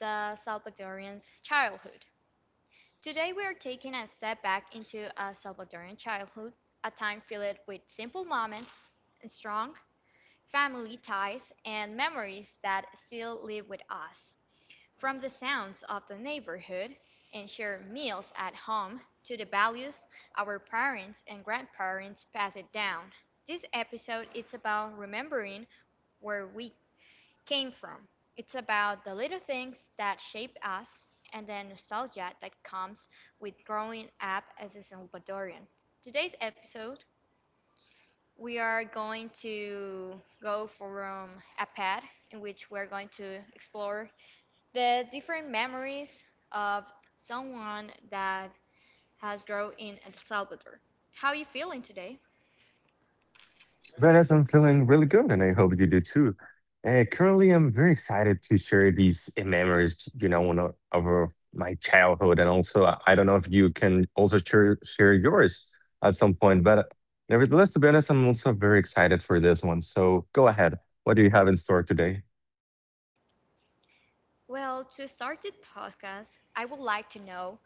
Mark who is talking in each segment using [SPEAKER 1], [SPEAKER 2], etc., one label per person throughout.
[SPEAKER 1] the Salvadorian's childhood. Today we are taking a step back into a Salvadorian childhood, a time filled with simple moments, strong family ties, and memories that still live with us. From the sounds of the neighborhood, and shared meals at home, to the values our parents and grandparents passed down, this episode is about remembering where we came from. It's about the little things that shape us and the nostalgia that comes with growing up as a Salvadorian. Today's episode, we are going to go from a pad in which we're going to explore the different memories of someone that has grown in El Salvador. How are you feeling today?
[SPEAKER 2] Whereas I'm feeling really good, and I hope you do too. Currently, I'm very excited to share these memories, you know, one of my childhood, and also I don't know if you can also share yours at some point. But nevertheless, to be honest, I'm also very excited for this one. So go ahead. What do you have in store today?
[SPEAKER 1] Well, to start this podcast, I would like to know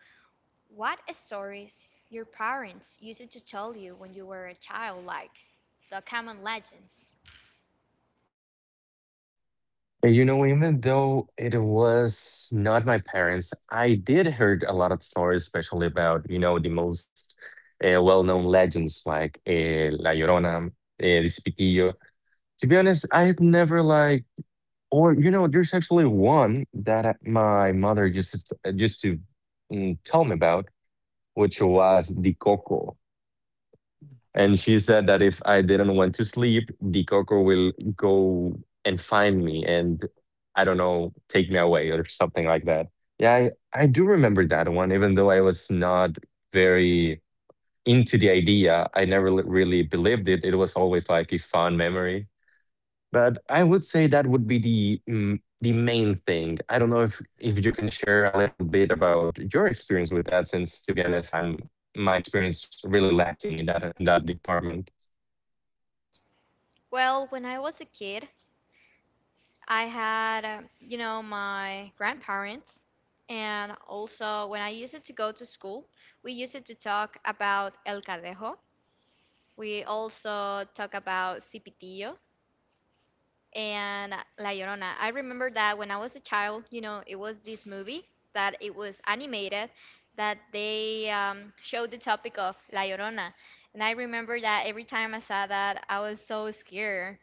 [SPEAKER 1] what stories your parents used to tell you when you were a child, like the common legends.
[SPEAKER 2] You know, even though it was not my parents, I did heard a lot of stories, especially about, you know, the most well-known legends like La Llorona, El Cepillo. To be honest, I've never like, or you know, there's actually one that my mother used to tell me about, which was the Coco. And she said that if I didn't want to sleep, the coco will go and find me, and I don't know, take me away or something like that. Yeah, I do remember that one, even though I was not very into the idea. I never really believed it. It was always like a fond memory. But I would say that would be the main thing. I don't know if you can share a little bit about your experience with that, since, to be honest, I'm my experience really lacking in that department.
[SPEAKER 1] Well, when I was a kid, I had, you know, my grandparents, and also when I used to go to school, we used to talk about El Cadejo. We also talk about Cipitillo and La Llorona. I remember that when I was a child, you know, it was this movie that it was animated that they showed the topic of La Llorona. And I remember that every time I saw that, I was so scared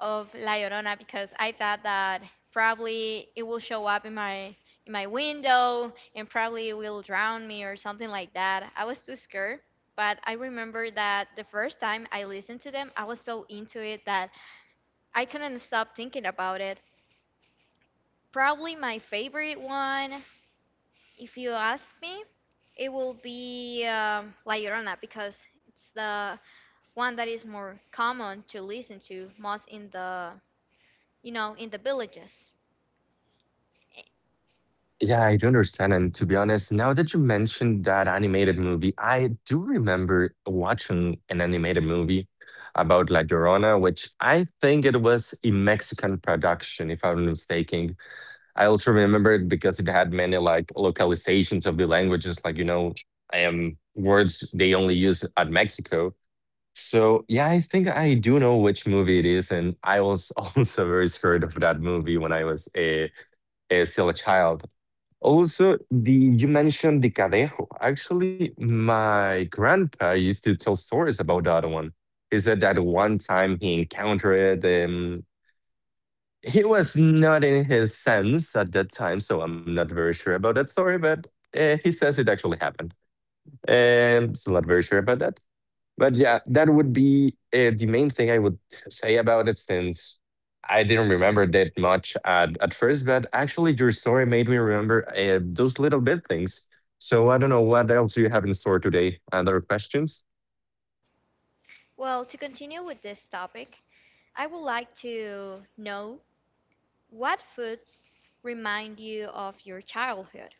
[SPEAKER 1] of La Llorona because I thought that probably it will show up in my window and probably it will drown me or something like that. I was too scared, but I remember that the first time I listened to them, I was so into it that I couldn't stop thinking about it. Probably my favorite one, if you ask me, it will be La Llorona because it's the one that is more common to listen to most in the villages.
[SPEAKER 2] Yeah, I do understand. And to be honest, now that you mentioned that animated movie, I do remember watching an animated movie about La Llorona, which I think it was a Mexican production, if I'm not mistaken. I also remember it because it had many like localizations of the languages, like, you know, words they only use at Mexico. So yeah, I think I do know which movie it is, and I was also very scared of that movie when I was a still a child. Also, the you mentioned the Cadejo. Actually, my grandpa used to tell stories about that one. He said that one time he encountered he was not in his sense at that time, so I'm not very sure about that story, but he says it actually happened. So not very sure about that. But yeah, that would be the main thing I would say about it, since I didn't remember that much at first, but actually, your story made me remember those little bit things. So I don't know what else you have in store today. Other questions?
[SPEAKER 1] Well, to continue with this topic, I would like to know what foods remind you of your childhood.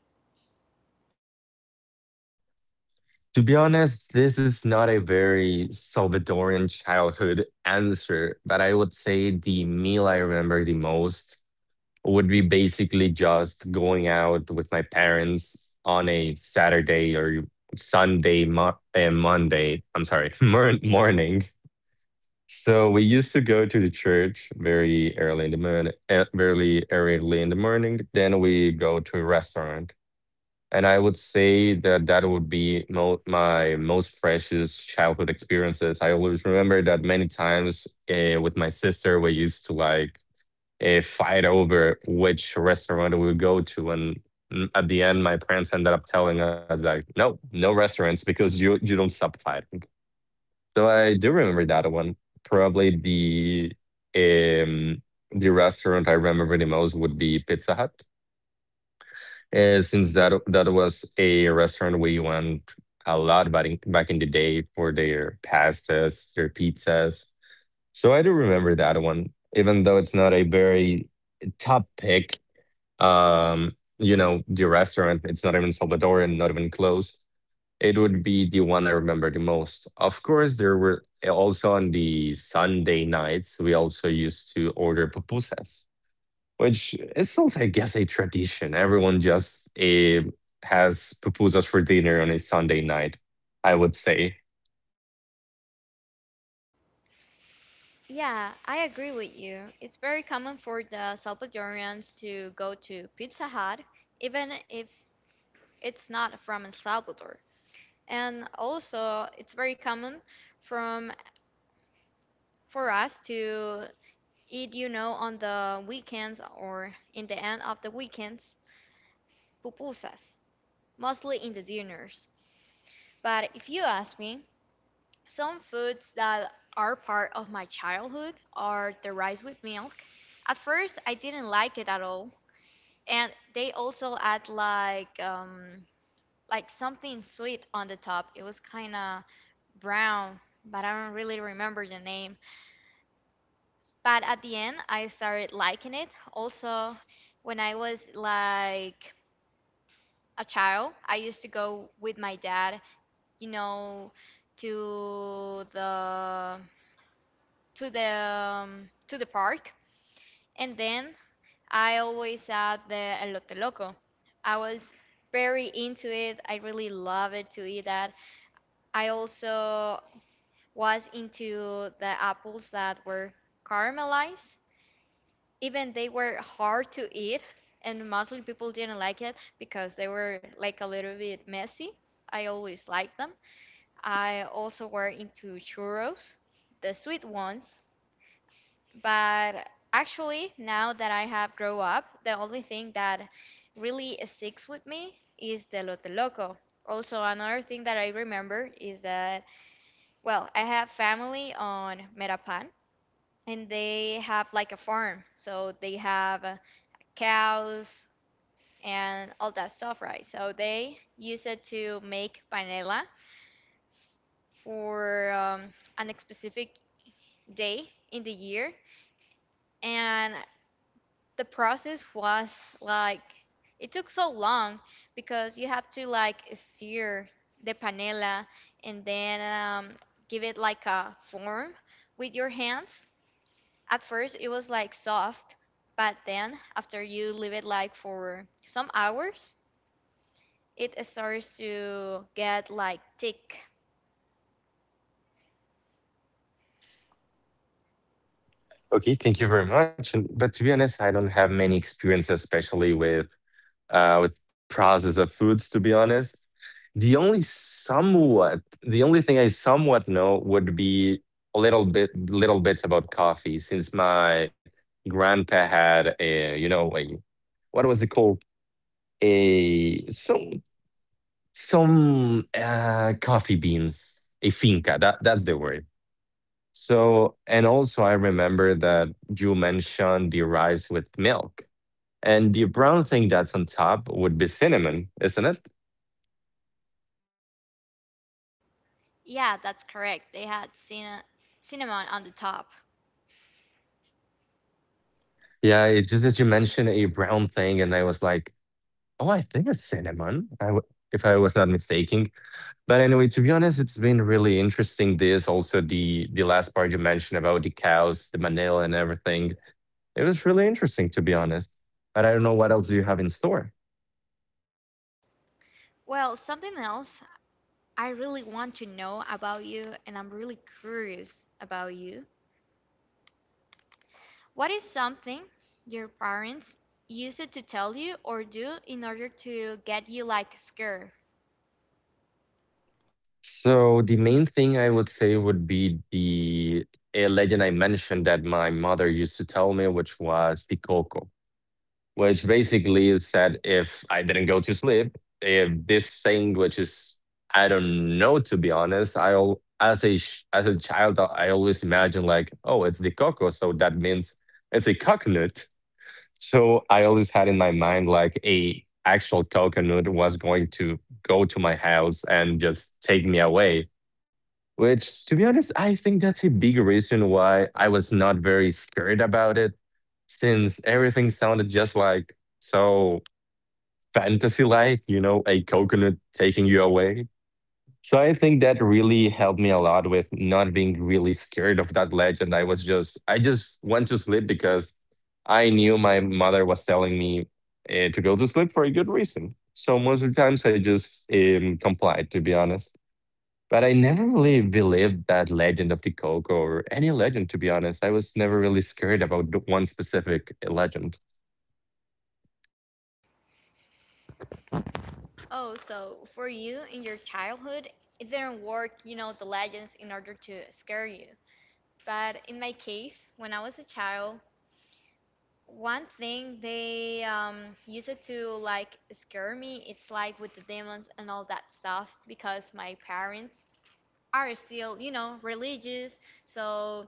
[SPEAKER 2] To be honest, this is not a very Salvadorian childhood answer, but I would say the meal I remember the most would be basically just going out with my parents on a Saturday or Sunday Monday. I'm sorry, morning. So we used to go to the church very early in the morning, very early in the morning. Then we go to a restaurant, and I would say that that would be my most precious childhood experiences. I always remember that many times with my sister, we used to like a fight over which restaurant we go to, and at the end my parents ended up telling us like, no no restaurants, because you don't stop fighting. So I do remember that one. Probably um the restaurant I remember the most would be Pizza Hut, since that was a restaurant we went a lot back in the day for their pastas, their pizzas. So I do remember that one, even though it's not a very top pick. You know, the restaurant, it's not even Salvadorian, not even close. It would be the one I remember the most. Of course, there were also on the Sunday nights, we also used to order pupusas, which is also, I guess, a tradition. Everyone just has pupusas for dinner on a Sunday night, I would say.
[SPEAKER 1] Yeah, I agree with you. It's very common for the Salvadorians to go to Pizza Hut, even if it's not from El Salvador. And also, it's very common from for us to eat, you know, on the weekends or in the end of the weekends, pupusas, mostly in the dinners. But if you ask me, some foods that are part of my childhood are the rice with milk. At first, I didn't like it at all, and they also add like something sweet on the top. It was kind of brown, but I don't really remember the name. But at the end, I started liking it. Also, when I was like a child, I used to go with my dad, you know, to the to the to the park, and then I always had the elote loco. I was very into it. I really love it to eat that. I also was into the apples that were caramelized. Even they were hard to eat, and mostly people didn't like it because they were like a little bit messy. I always liked them. I also were into churros, the sweet ones. But actually, now that I have grown up, the only thing that really sticks with me is the Lote Loco. Also, another thing that I remember is that, well, I have family on Merapan and they have like a farm. So they have cows and all that stuff, right? So they use it to make panela for an specific day in the year. And the process was like it took so long because you have to like sear the panela and then give it like a form with your hands. At first, it was like soft, but then after you leave it like for some hours, it starts to get like thick.
[SPEAKER 2] Okay, thank you very much. But to be honest, I don't have many experiences, especially with process of foods, to be honest. The only somewhat, the only thing I somewhat know would be a little bit, little bits about coffee, since my grandpa had a, you know, a, what was it called? A some coffee beans, a finca. That's the word. So, and also I remember that you mentioned the rice with milk, and the brown thing that's on top would be cinnamon, isn't it?
[SPEAKER 1] Yeah, that's correct. They had cinnamon on the top.
[SPEAKER 2] Yeah, it just as you mentioned a brown thing, and I was like, "Oh, I think it's cinnamon," I w if I was not mistaken. But anyway, to be honest, it's been really interesting, this also the last part you mentioned about the cows, the manila and everything. It was really interesting, to be honest, but I don't know what else do you have in store.
[SPEAKER 1] Well, something else I really want to know about you, and I'm really curious about you. What is something your parents use it to tell you or do in order to get you like scared?
[SPEAKER 2] So the main thing I would say would be the a legend I mentioned that my mother used to tell me, which was Pikoko. Which basically is that if I didn't go to sleep, if this thing, which is I don't know, to be honest, as a child I always imagine like, oh, it's the coco, so that means it's a coconut. So I always had in my mind like a actual coconut was going to go to my house and just take me away, which, to be honest, I think that's a big reason why I was not very scared about it, since everything sounded just like so fantasy like, you know, a coconut taking you away. So I think that really helped me a lot with not being really scared of that legend. I just went to sleep because I knew my mother was telling me to go to sleep for a good reason. So most of the times I just complied, to be honest. But I never really believed that legend of the Coco or any legend, to be honest. I was never really scared about the one specific legend.
[SPEAKER 1] Oh, so for you in your childhood, it didn't work, you know, the legends in order to scare you. But in my case, when I was a child, one thing they used it to like scare me, it's like with the demons and all that stuff because my parents are still, you know, religious, so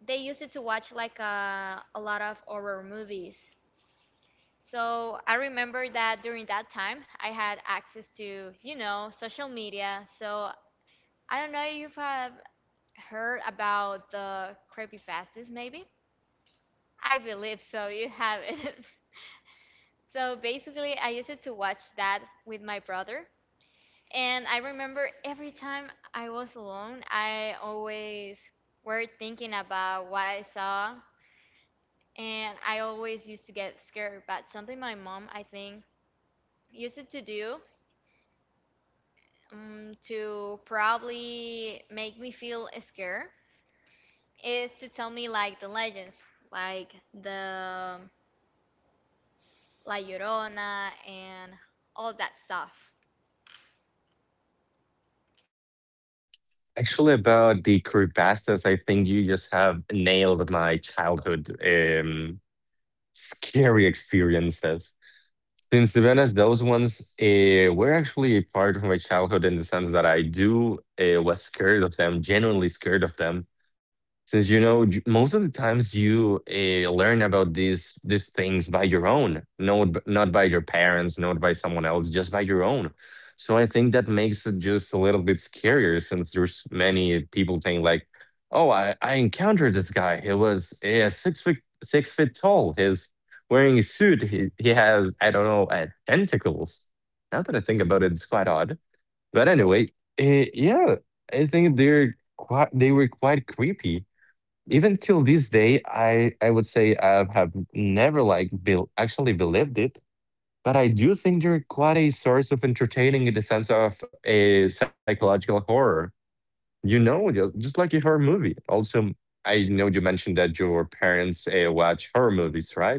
[SPEAKER 1] they used it to watch like a lot of horror movies. So I remember that during that time I had access to, you know, social media, so I don't know if you have heard about the creepy pastas. Maybe, I believe so, you have it. So basically I used it to watch that with my brother. And I remember every time I was alone, I always were thinking about what I saw, and I always used to get scared. But something my mom, I think, used it to do to probably make me feel scared is to tell me like the legends, like the La Llorona and all that stuff.
[SPEAKER 2] Actually, about the creepypastas, I think you just have nailed my childhood scary experiences. Since, to be honest, those ones were actually a part of my childhood in the sense that I do was scared of them, genuinely scared of them. Since, you know, most of the times you learn about these things by your own, not by your parents, not by someone else, just by your own. So I think that makes it just a little bit scarier, since there's many people saying like, "Oh, I encountered this guy. He was six feet tall. He's wearing a suit. He has, I don't know, tentacles." Now that I think about it, it's quite odd. But anyway, yeah, I think they were quite creepy. Even till this day, I would say I have never like bel actually believed it, but I do think they're quite a source of entertaining in the sense of a psychological horror. You know, just like a horror movie. Also, I know you mentioned that your parents watch horror movies, right?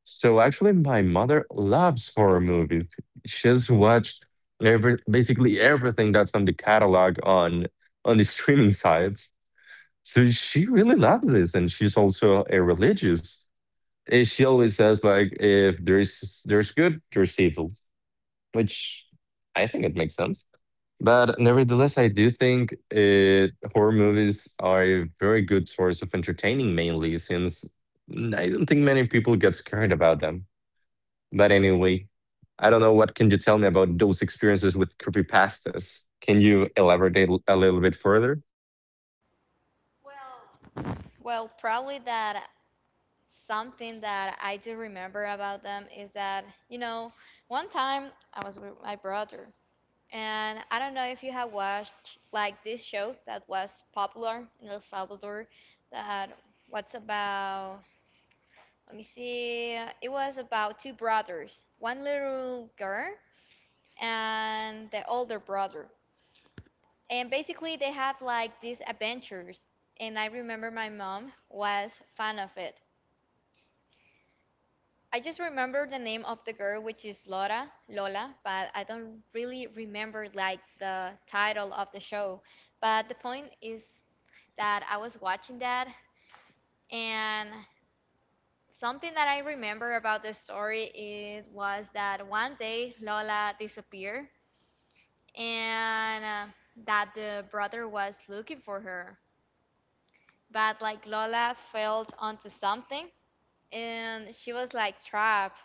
[SPEAKER 2] So actually, my mother loves horror movies. She's watched every basically everything that's on the catalog on the streaming sites. So she really loves this, and she's also a religious. She always says like, if there's good, there's evil, which I think it makes sense. But nevertheless, I do think horror movies are a very good source of entertaining, mainly since I don't think many people get scared about them. But anyway, I don't know what can you tell me about those experiences with creepypastas. Can you elaborate a little bit further?
[SPEAKER 1] Well, probably that. Something that I do remember about them is that, you know, one time I was with my brother, and I don't know if you have watched like this show that was popular in El Salvador that what's about, let me see, it was about two brothers, one little girl and the older brother. And basically they have like these adventures, and I remember my mom was fan of it. I just remember the name of the girl, which is Laura, Lola, but I don't really remember like the title of the show. But the point is that I was watching that, and something that I remember about the story it was that one day Lola disappeared, and that the brother was looking for her. But like Lola fell onto something, and she was like trapped.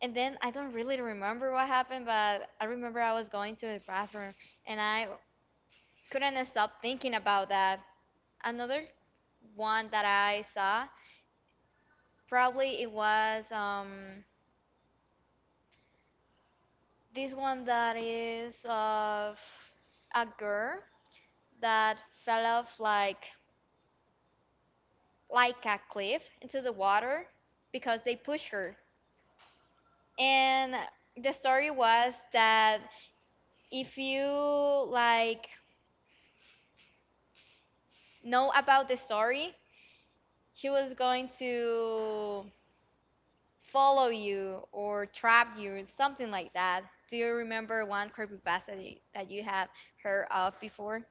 [SPEAKER 1] And then I don't really remember what happened, but I remember I was going to the bathroom and I couldn't stop thinking about that. Another one that I saw, probably it was this one that is of a girl that fell off like a cliff into the water because they pushed her. And the story was that if you like know about the story, she was going to follow you or trap you something like that. Do you remember one creepypasta that you have heard of before?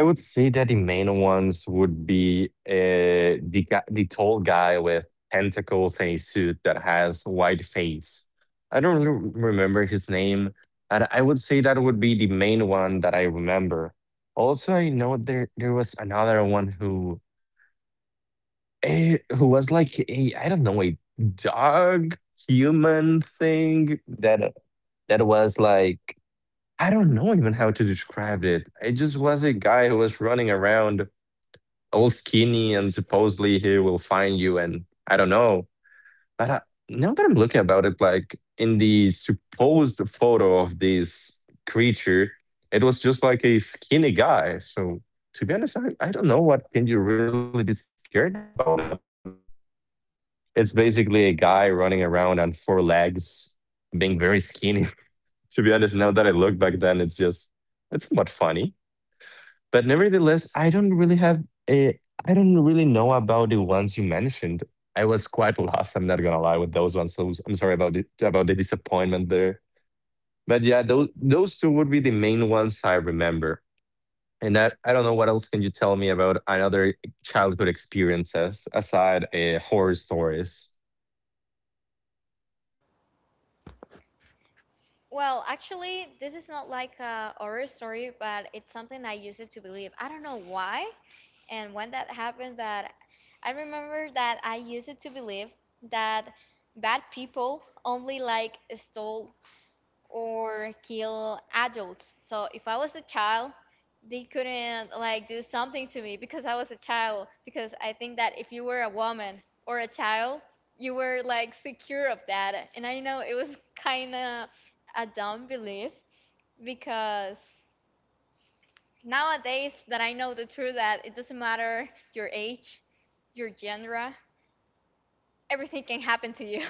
[SPEAKER 2] I would say that the main ones would be the tall guy with tentacles and a suit that has white face. I don't really remember his name, and I would say that would be the main one that I remember. Also, I know there was another one who who was like a, I don't know, a dog human thing that was like, I don't know even how to describe it. It just was a guy who was running around all skinny, and supposedly he will find you, and I don't know, but now that I'm looking about it, like in the supposed photo of this creature it was just like a skinny guy. So, to be honest, I don't know what can you really be scared about that one. It's basically a guy running around on four legs, being very skinny. To be honest, now that I look back then, it's somewhat funny, but nevertheless, a I don't really know about the ones you mentioned. I was quite lost, I'm not gonna lie, with those ones. So I'm sorry about the disappointment there. But yeah, those two would be the main ones I remember. And that I don't know what else can you tell me about another childhood experiences aside horror stories.
[SPEAKER 1] Well, actually, this is not like a horror story, but it's something I used to believe. I don't know why and when that happened, but I remember that I used to believe that bad people only like stole or kill adults. So if I was a child, they couldn't like do something to me because I was a child. Because I think that if you were a woman or a child, you were like secure of that. And I know it was kind of a dumb belief because nowadays that I know the truth that it doesn't matter your age, your gender, everything can happen to you.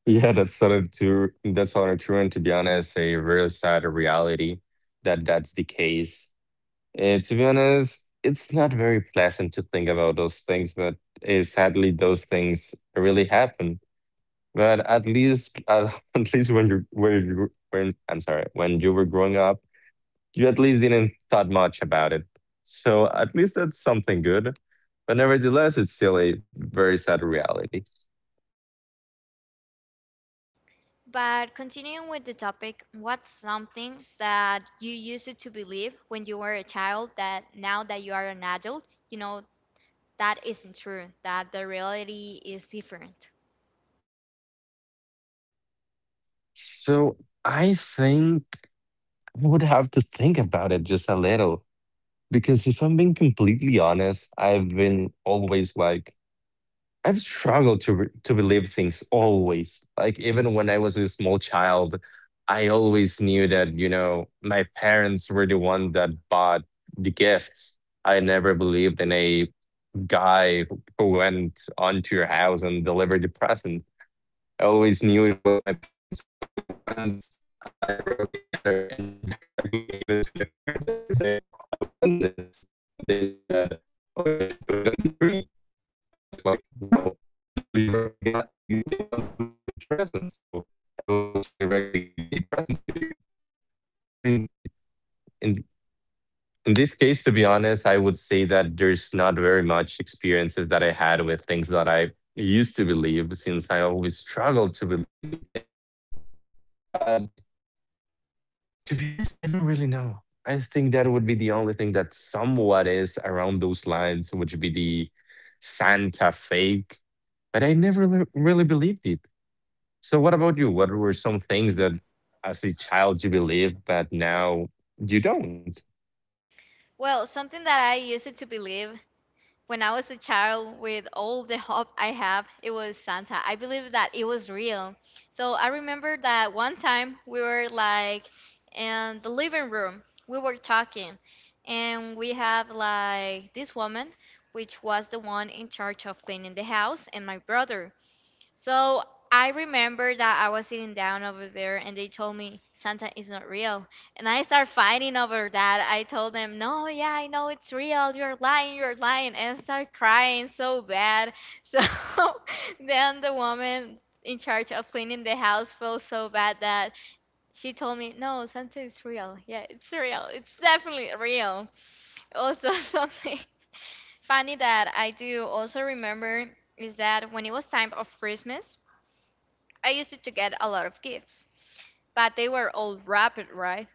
[SPEAKER 2] Yeah, that's sort of true. That's sort of true, and to be honest, a real sad reality that that's the case. To be honest, it's not very pleasant to think about those things, but sadly, those things really happen. But at least, at least when you when you when I'm sorry, when you were growing up, you at least didn't thought much about it. So at least that's something good. But nevertheless, it's still a very sad reality.
[SPEAKER 1] But continuing with the topic, what's something that you used to believe when you were a child that now that you are an adult, you know, that isn't true, that the reality is different?
[SPEAKER 2] So I think I would have to think about it just a little because if I'm being completely honest, I've been always like I've struggled to to believe things always. Like even when I was a small child, I always knew that you know my parents were the one that bought the gifts. I never believed in a guy who went onto your house and delivered the present. I always knew it was my parents. Actually, once I wrote a letter and I directly gave it to my parents and I said, "I want this." They said, "Oh, you should put it on the tree." But I was like, no, I know you are the, guy, the ones who buy the presents, so I will just directly give the presents to you. So in in this case, to be honest, I would say that there's not very much experiences that I had with things that I used to believe, since I always struggled to believe in things. But to be honest, I don't really know. I think that would be the only thing that somewhat is around those lines, which would be the Santa fake but I never really believed it. So what about you? What were some things that as a child you believed, but now you don't?
[SPEAKER 1] Well, something that I used to believe when I was a child with all the hope I have, it was Santa. I believe that it was real. So I remember that one time we were like in the living room, we were talking, and we have like this woman, which was the one in charge of cleaning the house, and my brother. So I remember that I was sitting down over there and they told me Santa is not real. And I started fighting over that. I told them, "No, yeah, I know it's real. You're lying, you're lying." And I started crying so bad. So then the woman in charge of cleaning the house felt so bad that she told me, "No, Santa is real. Yeah, it's real. It's definitely real." Also, something funny that I do also remember is that when it was time of Christmas, I used it to get a lot of gifts, but they were all wrapped right.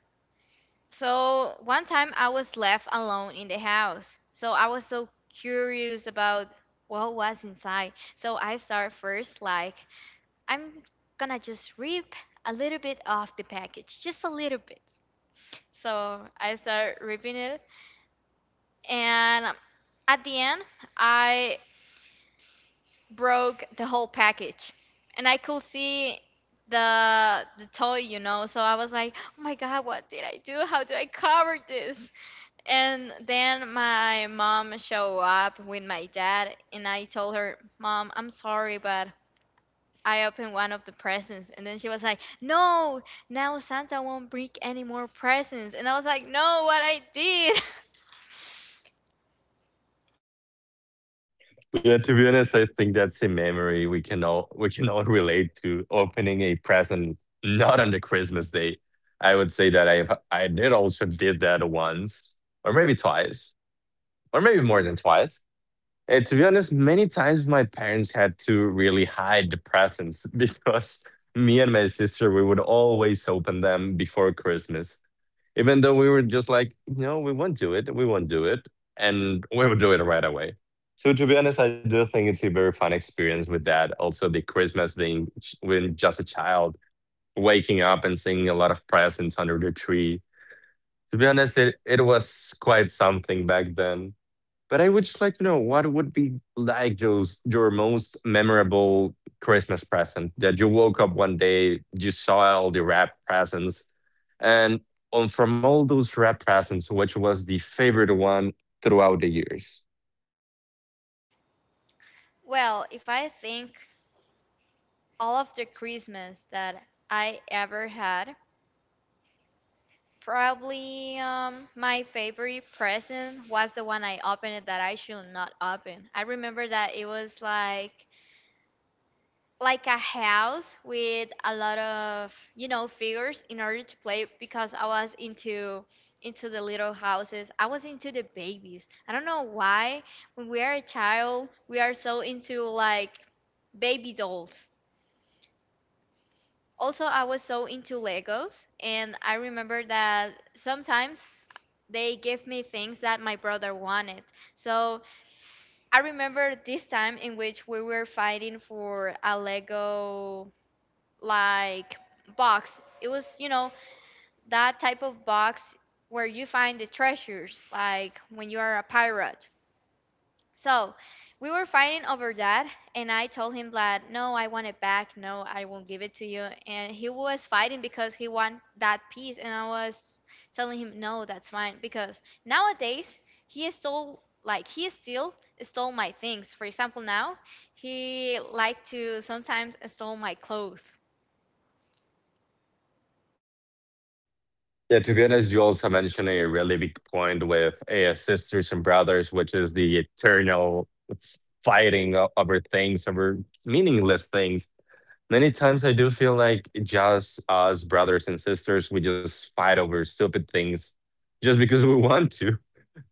[SPEAKER 1] So one time I was left alone in the house. So I was so curious about what was inside. So I started first like, I'm gonna just rip a little bit off the package, just a little bit. So I started ripping it, and at the end, I broke the whole package and I could see the toy, so I was like, oh my god, what did I do? How do I cover this? And then my mom showed up with my dad and I told her, mom, I'm sorry, but I opened one of the presents. And then she was like, no, now Santa won't bring any more presents. And I was like, no, what I did.
[SPEAKER 2] Yeah, to be honest, I think that's a memory we can all relate to opening a present not on the Christmas day. I would say that I did also did that once, or maybe twice, or maybe more than twice. And to be honest, many times my parents had to really hide the presents because me and my sister we would always open them before Christmas even though we were just like, no, we won't do it, we won't do it, and we will do it right away. So to be honest, I do think it's a very fun experience with that. Also, the Christmas thing when just a child waking up and seeing a lot of presents under the tree. To be honest, it was quite something back then. But I would just like to know what would be like those your most memorable Christmas present that you woke up one day, you saw all the wrap presents, and on, from all those wrap presents, which was the favorite one throughout the years?
[SPEAKER 1] Well, if I think all of the Christmas that I ever had, Probably my favorite present was the one I opened it that I should not open. I remember that it was like a house with a lot of figures in order to play because I was into the little houses. I was into the babies. I don't know why when we are a child we are so into like baby dolls. Also, I was so into Legos, and I remember that sometimes they gave me things that my brother wanted. So I remember this time in which we were fighting for a Lego like box. It was, you know, That type of box where you find the treasures, like when you are a pirate. So we were fighting over that, and I told him that no, I want it back. No, I won't give it to you. And he was fighting because he want that piece, and I was telling him no, that's mine. Because nowadays he stole, like he still stole my things. For example, now he like to sometimes stole my clothes.
[SPEAKER 2] Yeah, to be honest, you also mentioned a really big point with sisters and brothers, which is the eternal fighting over things, over meaningless things. Many times I do feel like just us brothers and sisters, we just fight over stupid things just because we want to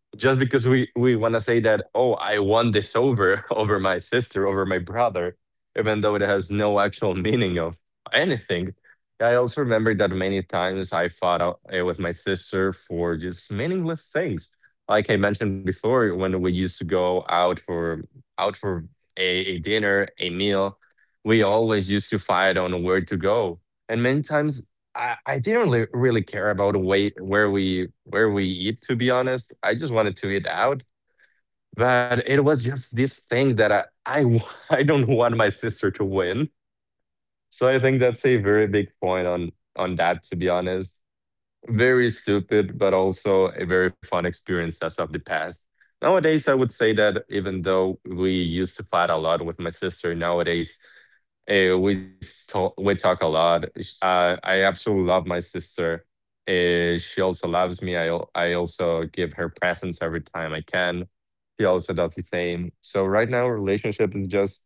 [SPEAKER 2] just because we want to say that oh I won this over over my sister over my brother even though it has no actual meaning of anything. I also remember that many times I fought out with my sister for just meaningless things like I mentioned before when we used to go out for out for a dinner a meal we always used to fight on where to go and many times I didn't really care about weight where we eat to be honest. I just wanted to eat out, but it was just this thing that I I don't want my sister to win. So I think that's a very big point on that to be honest. Very stupid, but also a very fun experience as of the past. Nowadays, I would say that even though we used to fight a lot with my sister, nowadays uh, we we talk a lot. I absolutely love my sister. She also loves me. I also give her presents every time I can. She also does the same. So right now, our relationship is just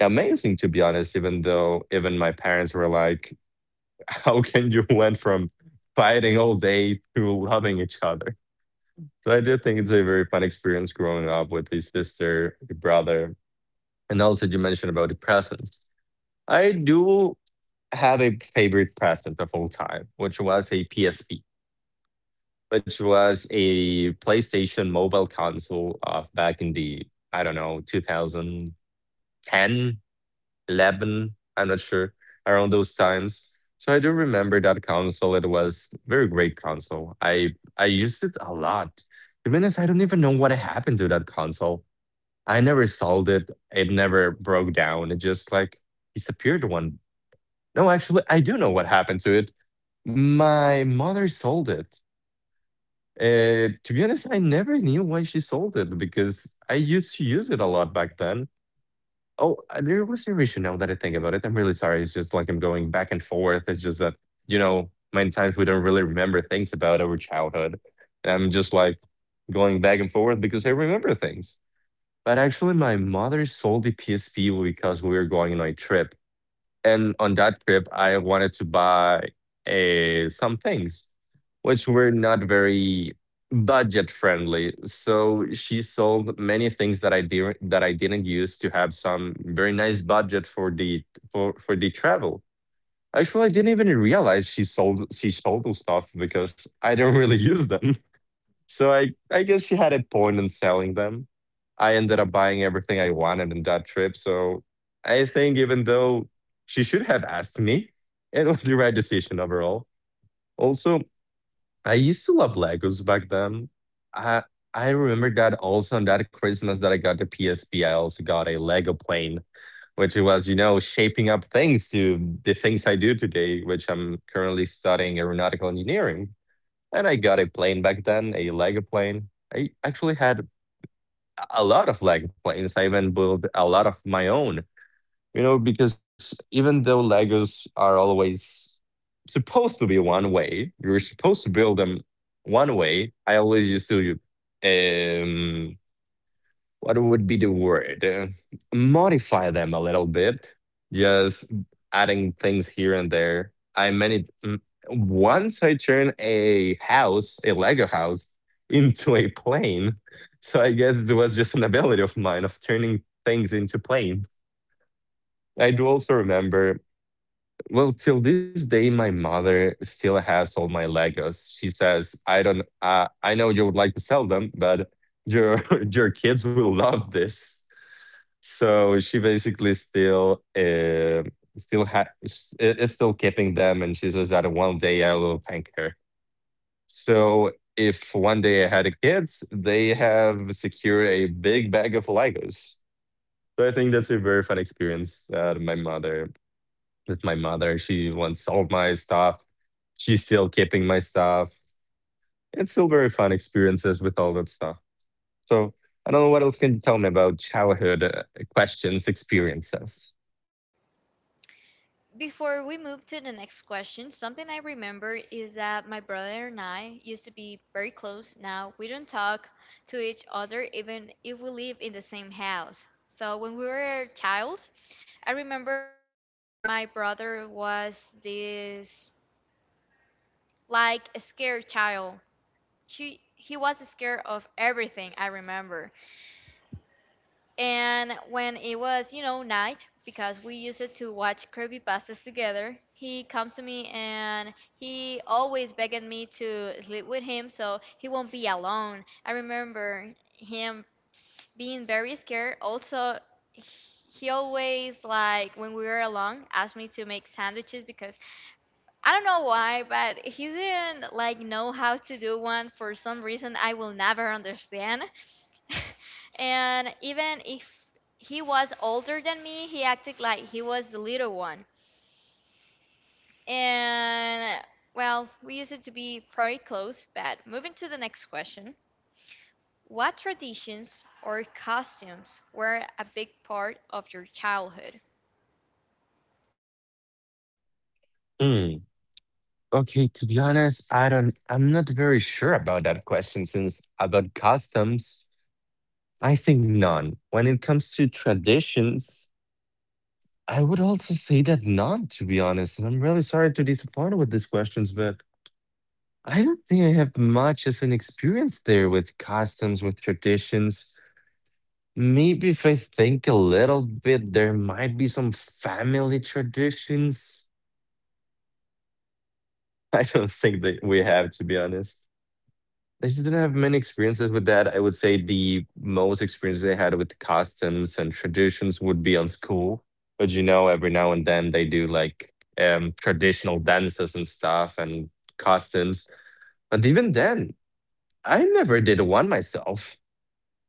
[SPEAKER 2] amazing, to be honest. Even though even my parents were like, "How can you went from fighting all day to loving each other?" So I do think it's a very fun experience growing up with the sister, the brother, and also you mentioned about the presents. I do had a favorite present of all time, which was a PSP, which was a PlayStation mobile console of back in the, I don't know, 2010, 11, I'm not sure, around those times. So I do remember that console. It was very great console. I used it a lot. To be honest, I don't even know what happened to that console. I never sold it. It never broke down. It just like disappeared one. No, actually, I do know what happened to it. My mother sold it. To be honest, I never knew why she sold it because I used to use it a lot back then. Oh, there was a reason now that I think about it. I'm really sorry. It's just like I'm going back and forth. It's just that, you know, many times we don't really remember things about our childhood. I'm just like going back and forth because I remember things. But actually, my mother sold the PSP because we were going on a trip and on that trip, I wanted to buy some things which were not very budget friendly. So she sold many things that I didn't use to have some very nice budget for the for the travel. Actually, I didn't even realize she sold those stuff because I don't really use them. So I guess she had a point in selling them. I ended up buying everything I wanted in that trip. So I think even though she should have asked me, it was the right decision overall. Also, I used to love Legos back then. I I remember that also on that Christmas that I got the PSP, I also got a Lego plane, which was, you know, shaping up things to the things I do today, which I'm currently studying aeronautical engineering. And I got a plane back then, a Lego plane. I actually had a lot of Lego planes. I even built a lot of my own, you know, because even though Legos are always supposed to be one way, you're supposed to build them one way. I always used to um, what would be the word? Modify them a little bit, just adding things here and there. Once I turned a house, a Lego house, into a plane. So I guess it was just an ability of mine of turning things into planes. I do also remember, well, till this day, my mother still has all my Legos. She says, "I don't, I know you would like to sell them, but your your kids will love this." So she basically still is still keeping them, and she says that one day I will thank her. So if one day I had kids, they have secured a big bag of Legos. So I think that's a very fun experience. To my mother, with my mother, she wants all my stuff. She's still keeping my stuff. It's still very fun experiences with all that stuff. So I don't know what else can you tell me about childhood questions, experiences.
[SPEAKER 1] Before we move to the next question, something I remember is that my brother and I used to be very close. Now we don't talk to each other even if we live in the same house. So when we were a child, I remember that my brother was this like a scared child. She he was scared of everything, I remember. And when it was, night, because we used it to watch creepypastas together, he comes to me and he always begged me to sleep with him so he won't be alone. I remember him being very scared. Also, he always, like, when we were alone, asked me to make sandwiches because I don't know why, but he didn't, like, know how to do one for some reason I will never understand. And even if he was older than me, he acted like he was the little one. And well, we used it to be pretty close, but moving to the next question. What traditions or costumes were a big part of your childhood?
[SPEAKER 2] Hmm. Okay, to be honest, I'm not very sure about that question since about customs, I think none. When it comes to traditions, I would also say that none, to be honest. And I'm really sorry to disappoint with these questions, but I don't think I have much of an experience there with customs, with traditions. Maybe if I think a little bit, there might be some family traditions I don't think that we have, to be honest. I just didn't have many experiences with that. I would say the most experiences I had with customs and traditions would be on school. But you know, every now and then they do like traditional dances and stuff and costumes. But even then, I never did one myself.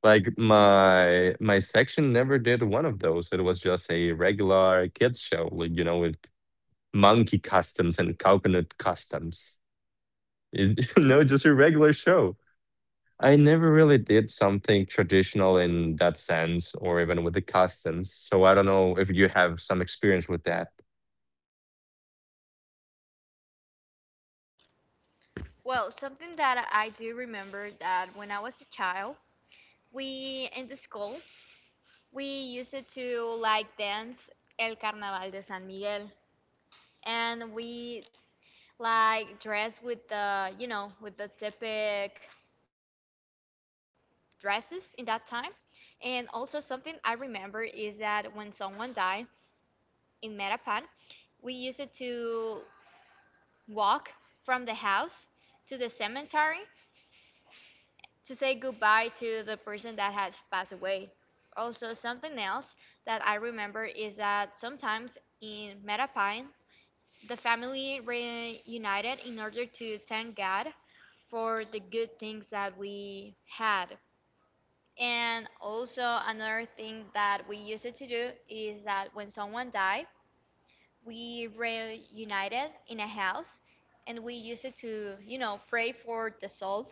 [SPEAKER 2] Like my section never did one of those. It was just a regular kids show, like with monkey customs and coconut customs. No, just a regular show. I never really did something traditional in that sense, or even with the customs. So I don't know if you have some experience with that.
[SPEAKER 1] Well, something that I do remember that when I was a child, we in the school, we used it to like dance El Carnaval de San Miguel. And we like dress with the with the typical dresses in that time. And also something I remember is that when someone died in Metapan, we used it to walk from the house to the cemetery to say goodbye to the person that had passed away. Also something else that I remember is that sometimes in Metapan the family reunited in order to thank God for the good things that we had. And also another thing that we used to do is that when someone died, we reunited in a house and we used it to, pray for the soul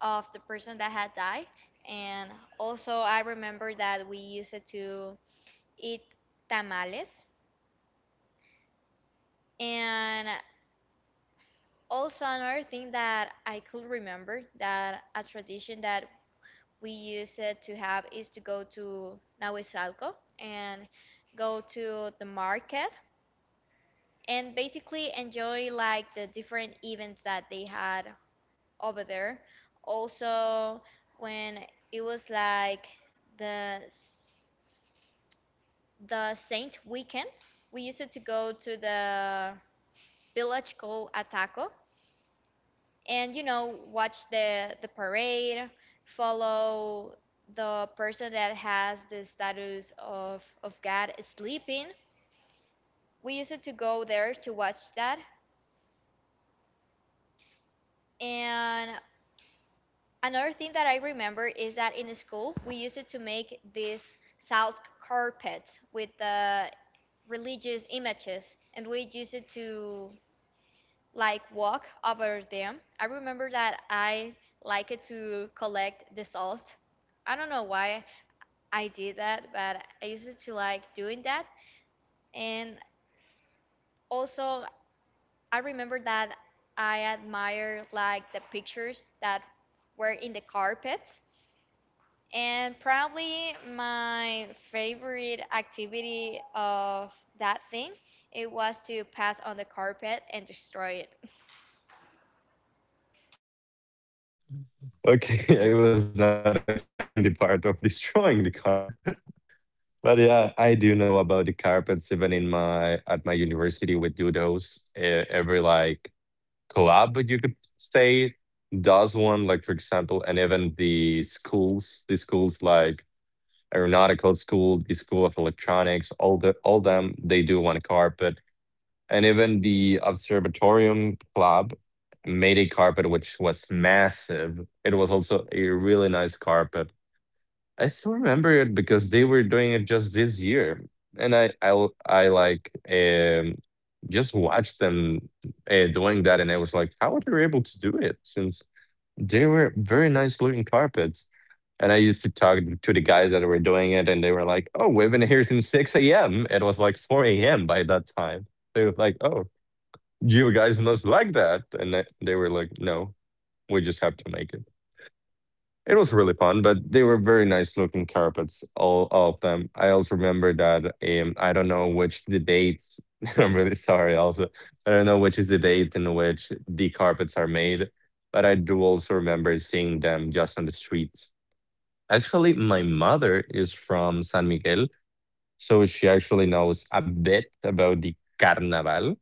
[SPEAKER 1] of the person that had died. And also I remember that we used it to eat tamales. And also another thing that I could remember that a tradition that we use it to have is to go to Nahuizalco and go to the market and basically enjoy like the different events that they had over there. Also, when it was like the the Saint weekend, we used to go to the village called Ataco and watch the parade, follow the person that has the status of god sleeping. We used to go there to watch that. And another thing that I remember is that in school we used to make these salt carpets with the religious images and we used to like walk over them. I remember that I liked to collect the salt. I don't know why I did that, but I used to like doing that. And also, I remember that I admired like the pictures that were in the carpets. And probably my favorite activity of that thing, it was to pass on the carpet and destroy it.
[SPEAKER 2] Okay, I was not expecting the part of destroying the carpet. But yeah, I do know about the carpets. Even in my at my university, we do those. Every like club, you could say, does one. Like for example, and even the schools like aeronautical school, the School of Electronics, all them they do one carpet, and even the Observatorium Club made a carpet which was massive. It was also a really nice carpet. I still remember it because they were doing it just this year, and I, like just watched them doing that, and I was like, how are they able to do it? Since they were very nice looking carpets. And I used to talk to the guys that were doing it, and they were like, "Oh, we've been here since 6 a.m." It was like 4 a.m. by that time. They were like, "Oh, you guys must like that," and they were like, "No, we just have to make it." It was really fun, but they were very nice looking carpets, all of them. I also remember that I don't know which the dates. I'm really sorry. Also, I don't know which is the date in which the carpets are made, but I do also remember seeing them just on the streets. Actually, my mother is from San Miguel, so she actually knows a bit about the carnaval.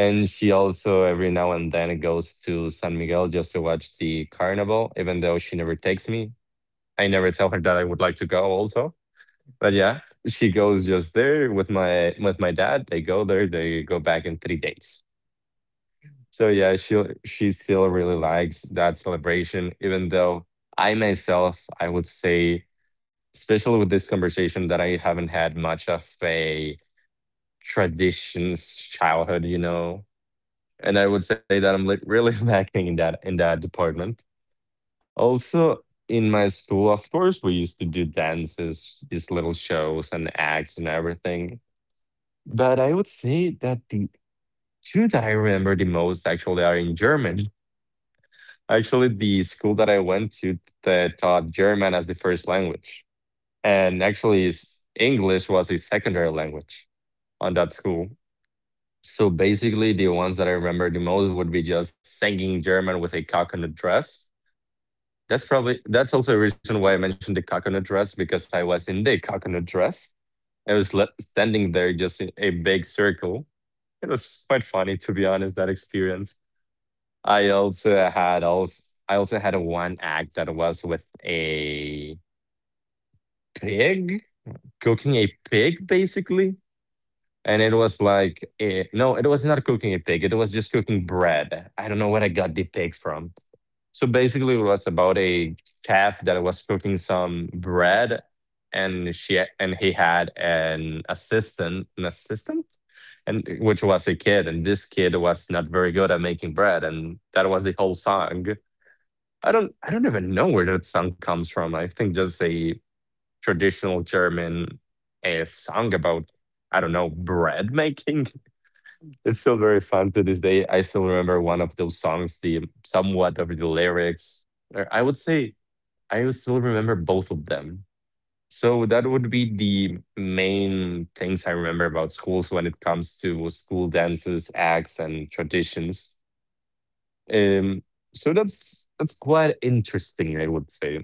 [SPEAKER 2] And she also every now and then goes to San Miguel just to watch the carnival, even though she never takes me. I never tell her that I would like to go also. But yeah, she goes just there with my dad. They go there, they go back in 3 days. So yeah, she still really likes that celebration, even though I myself, I would say, especially with this conversation, that I haven't had much of a traditions childhood. And I would say that I'm like really lacking in that department. Also, in my school, of course, we used to do dances, these little shows and acts and everything. But I would say that the two that I remember the most actually are in German. Actually, the school that I went to that taught German as the first language. And actually, English was a secondary language on that school. So basically, the ones that I remember the most would be just singing German with a coconut dress. That's also a reason why I mentioned the coconut dress, because I was in the coconut dress. I was standing there just in a big circle. It was quite funny to be honest, that experience. I also had, also I also had a one act that was with a pig, cooking a pig basically. And it was like, no, it was not cooking a pig. It was just cooking bread. I don't know where I got the pig from. So basically, it was about a chef that was cooking some bread, and she and he had an assistant, and which was a kid, and this kid was not very good at making bread, and that was the whole song. I don't even know where that song comes from. I think just a traditional German, a song about, I don't know, bread making. It's still very fun to this day. I still remember one of those songs, the somewhat of the lyrics. Or I would say I would still remember both of them. So that would be the main things I remember about schools when it comes to school dances, acts, and traditions. Um, so that's quite interesting, I would say.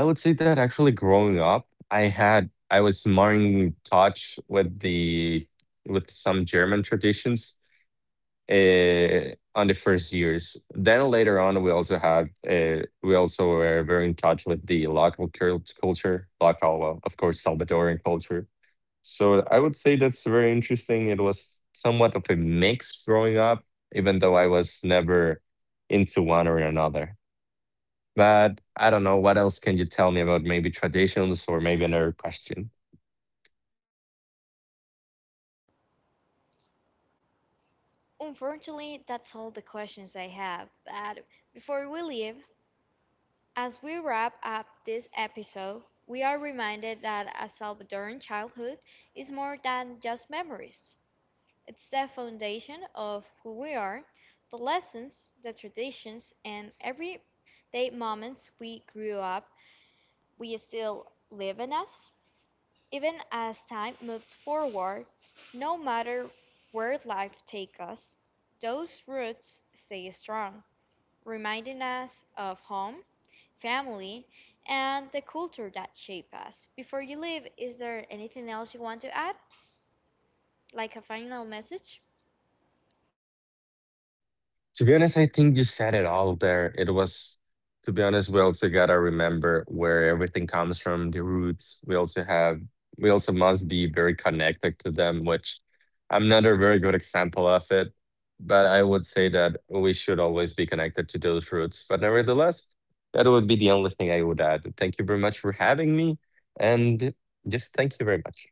[SPEAKER 2] I would say that actually growing up, I was more in touch with some German traditions on the first years. Then later on, we also were very in touch with the local culture, local, well, of course, Salvadoran culture. So I would say that's very interesting. It was somewhat of a mix growing up, even though I was never into one or another. But I don't know, what else can you tell me about maybe traditions or maybe another question?
[SPEAKER 1] Unfortunately, that's all the questions I have. But before we leave, as we wrap up this episode, we are reminded that a Salvadoran childhood is more than just memories. It's the foundation of who we are, the lessons, the traditions, and everyday moments we grew up, we still live in us. Even as time moves forward, no matter where life takes us, those roots stay strong, reminding us of home, family, and the culture that shape us. Before you leave, is there anything else you want to add? Like a final message?
[SPEAKER 2] To be honest, I think you said it all there. It was, to be honest, we also gotta remember where everything comes from, the roots. We also must be very connected to them, which I'm not a very good example of it, but I would say that we should always be connected to those roots. But nevertheless, that would be the only thing I would add. Thank you very much for having me, and just thank you very much.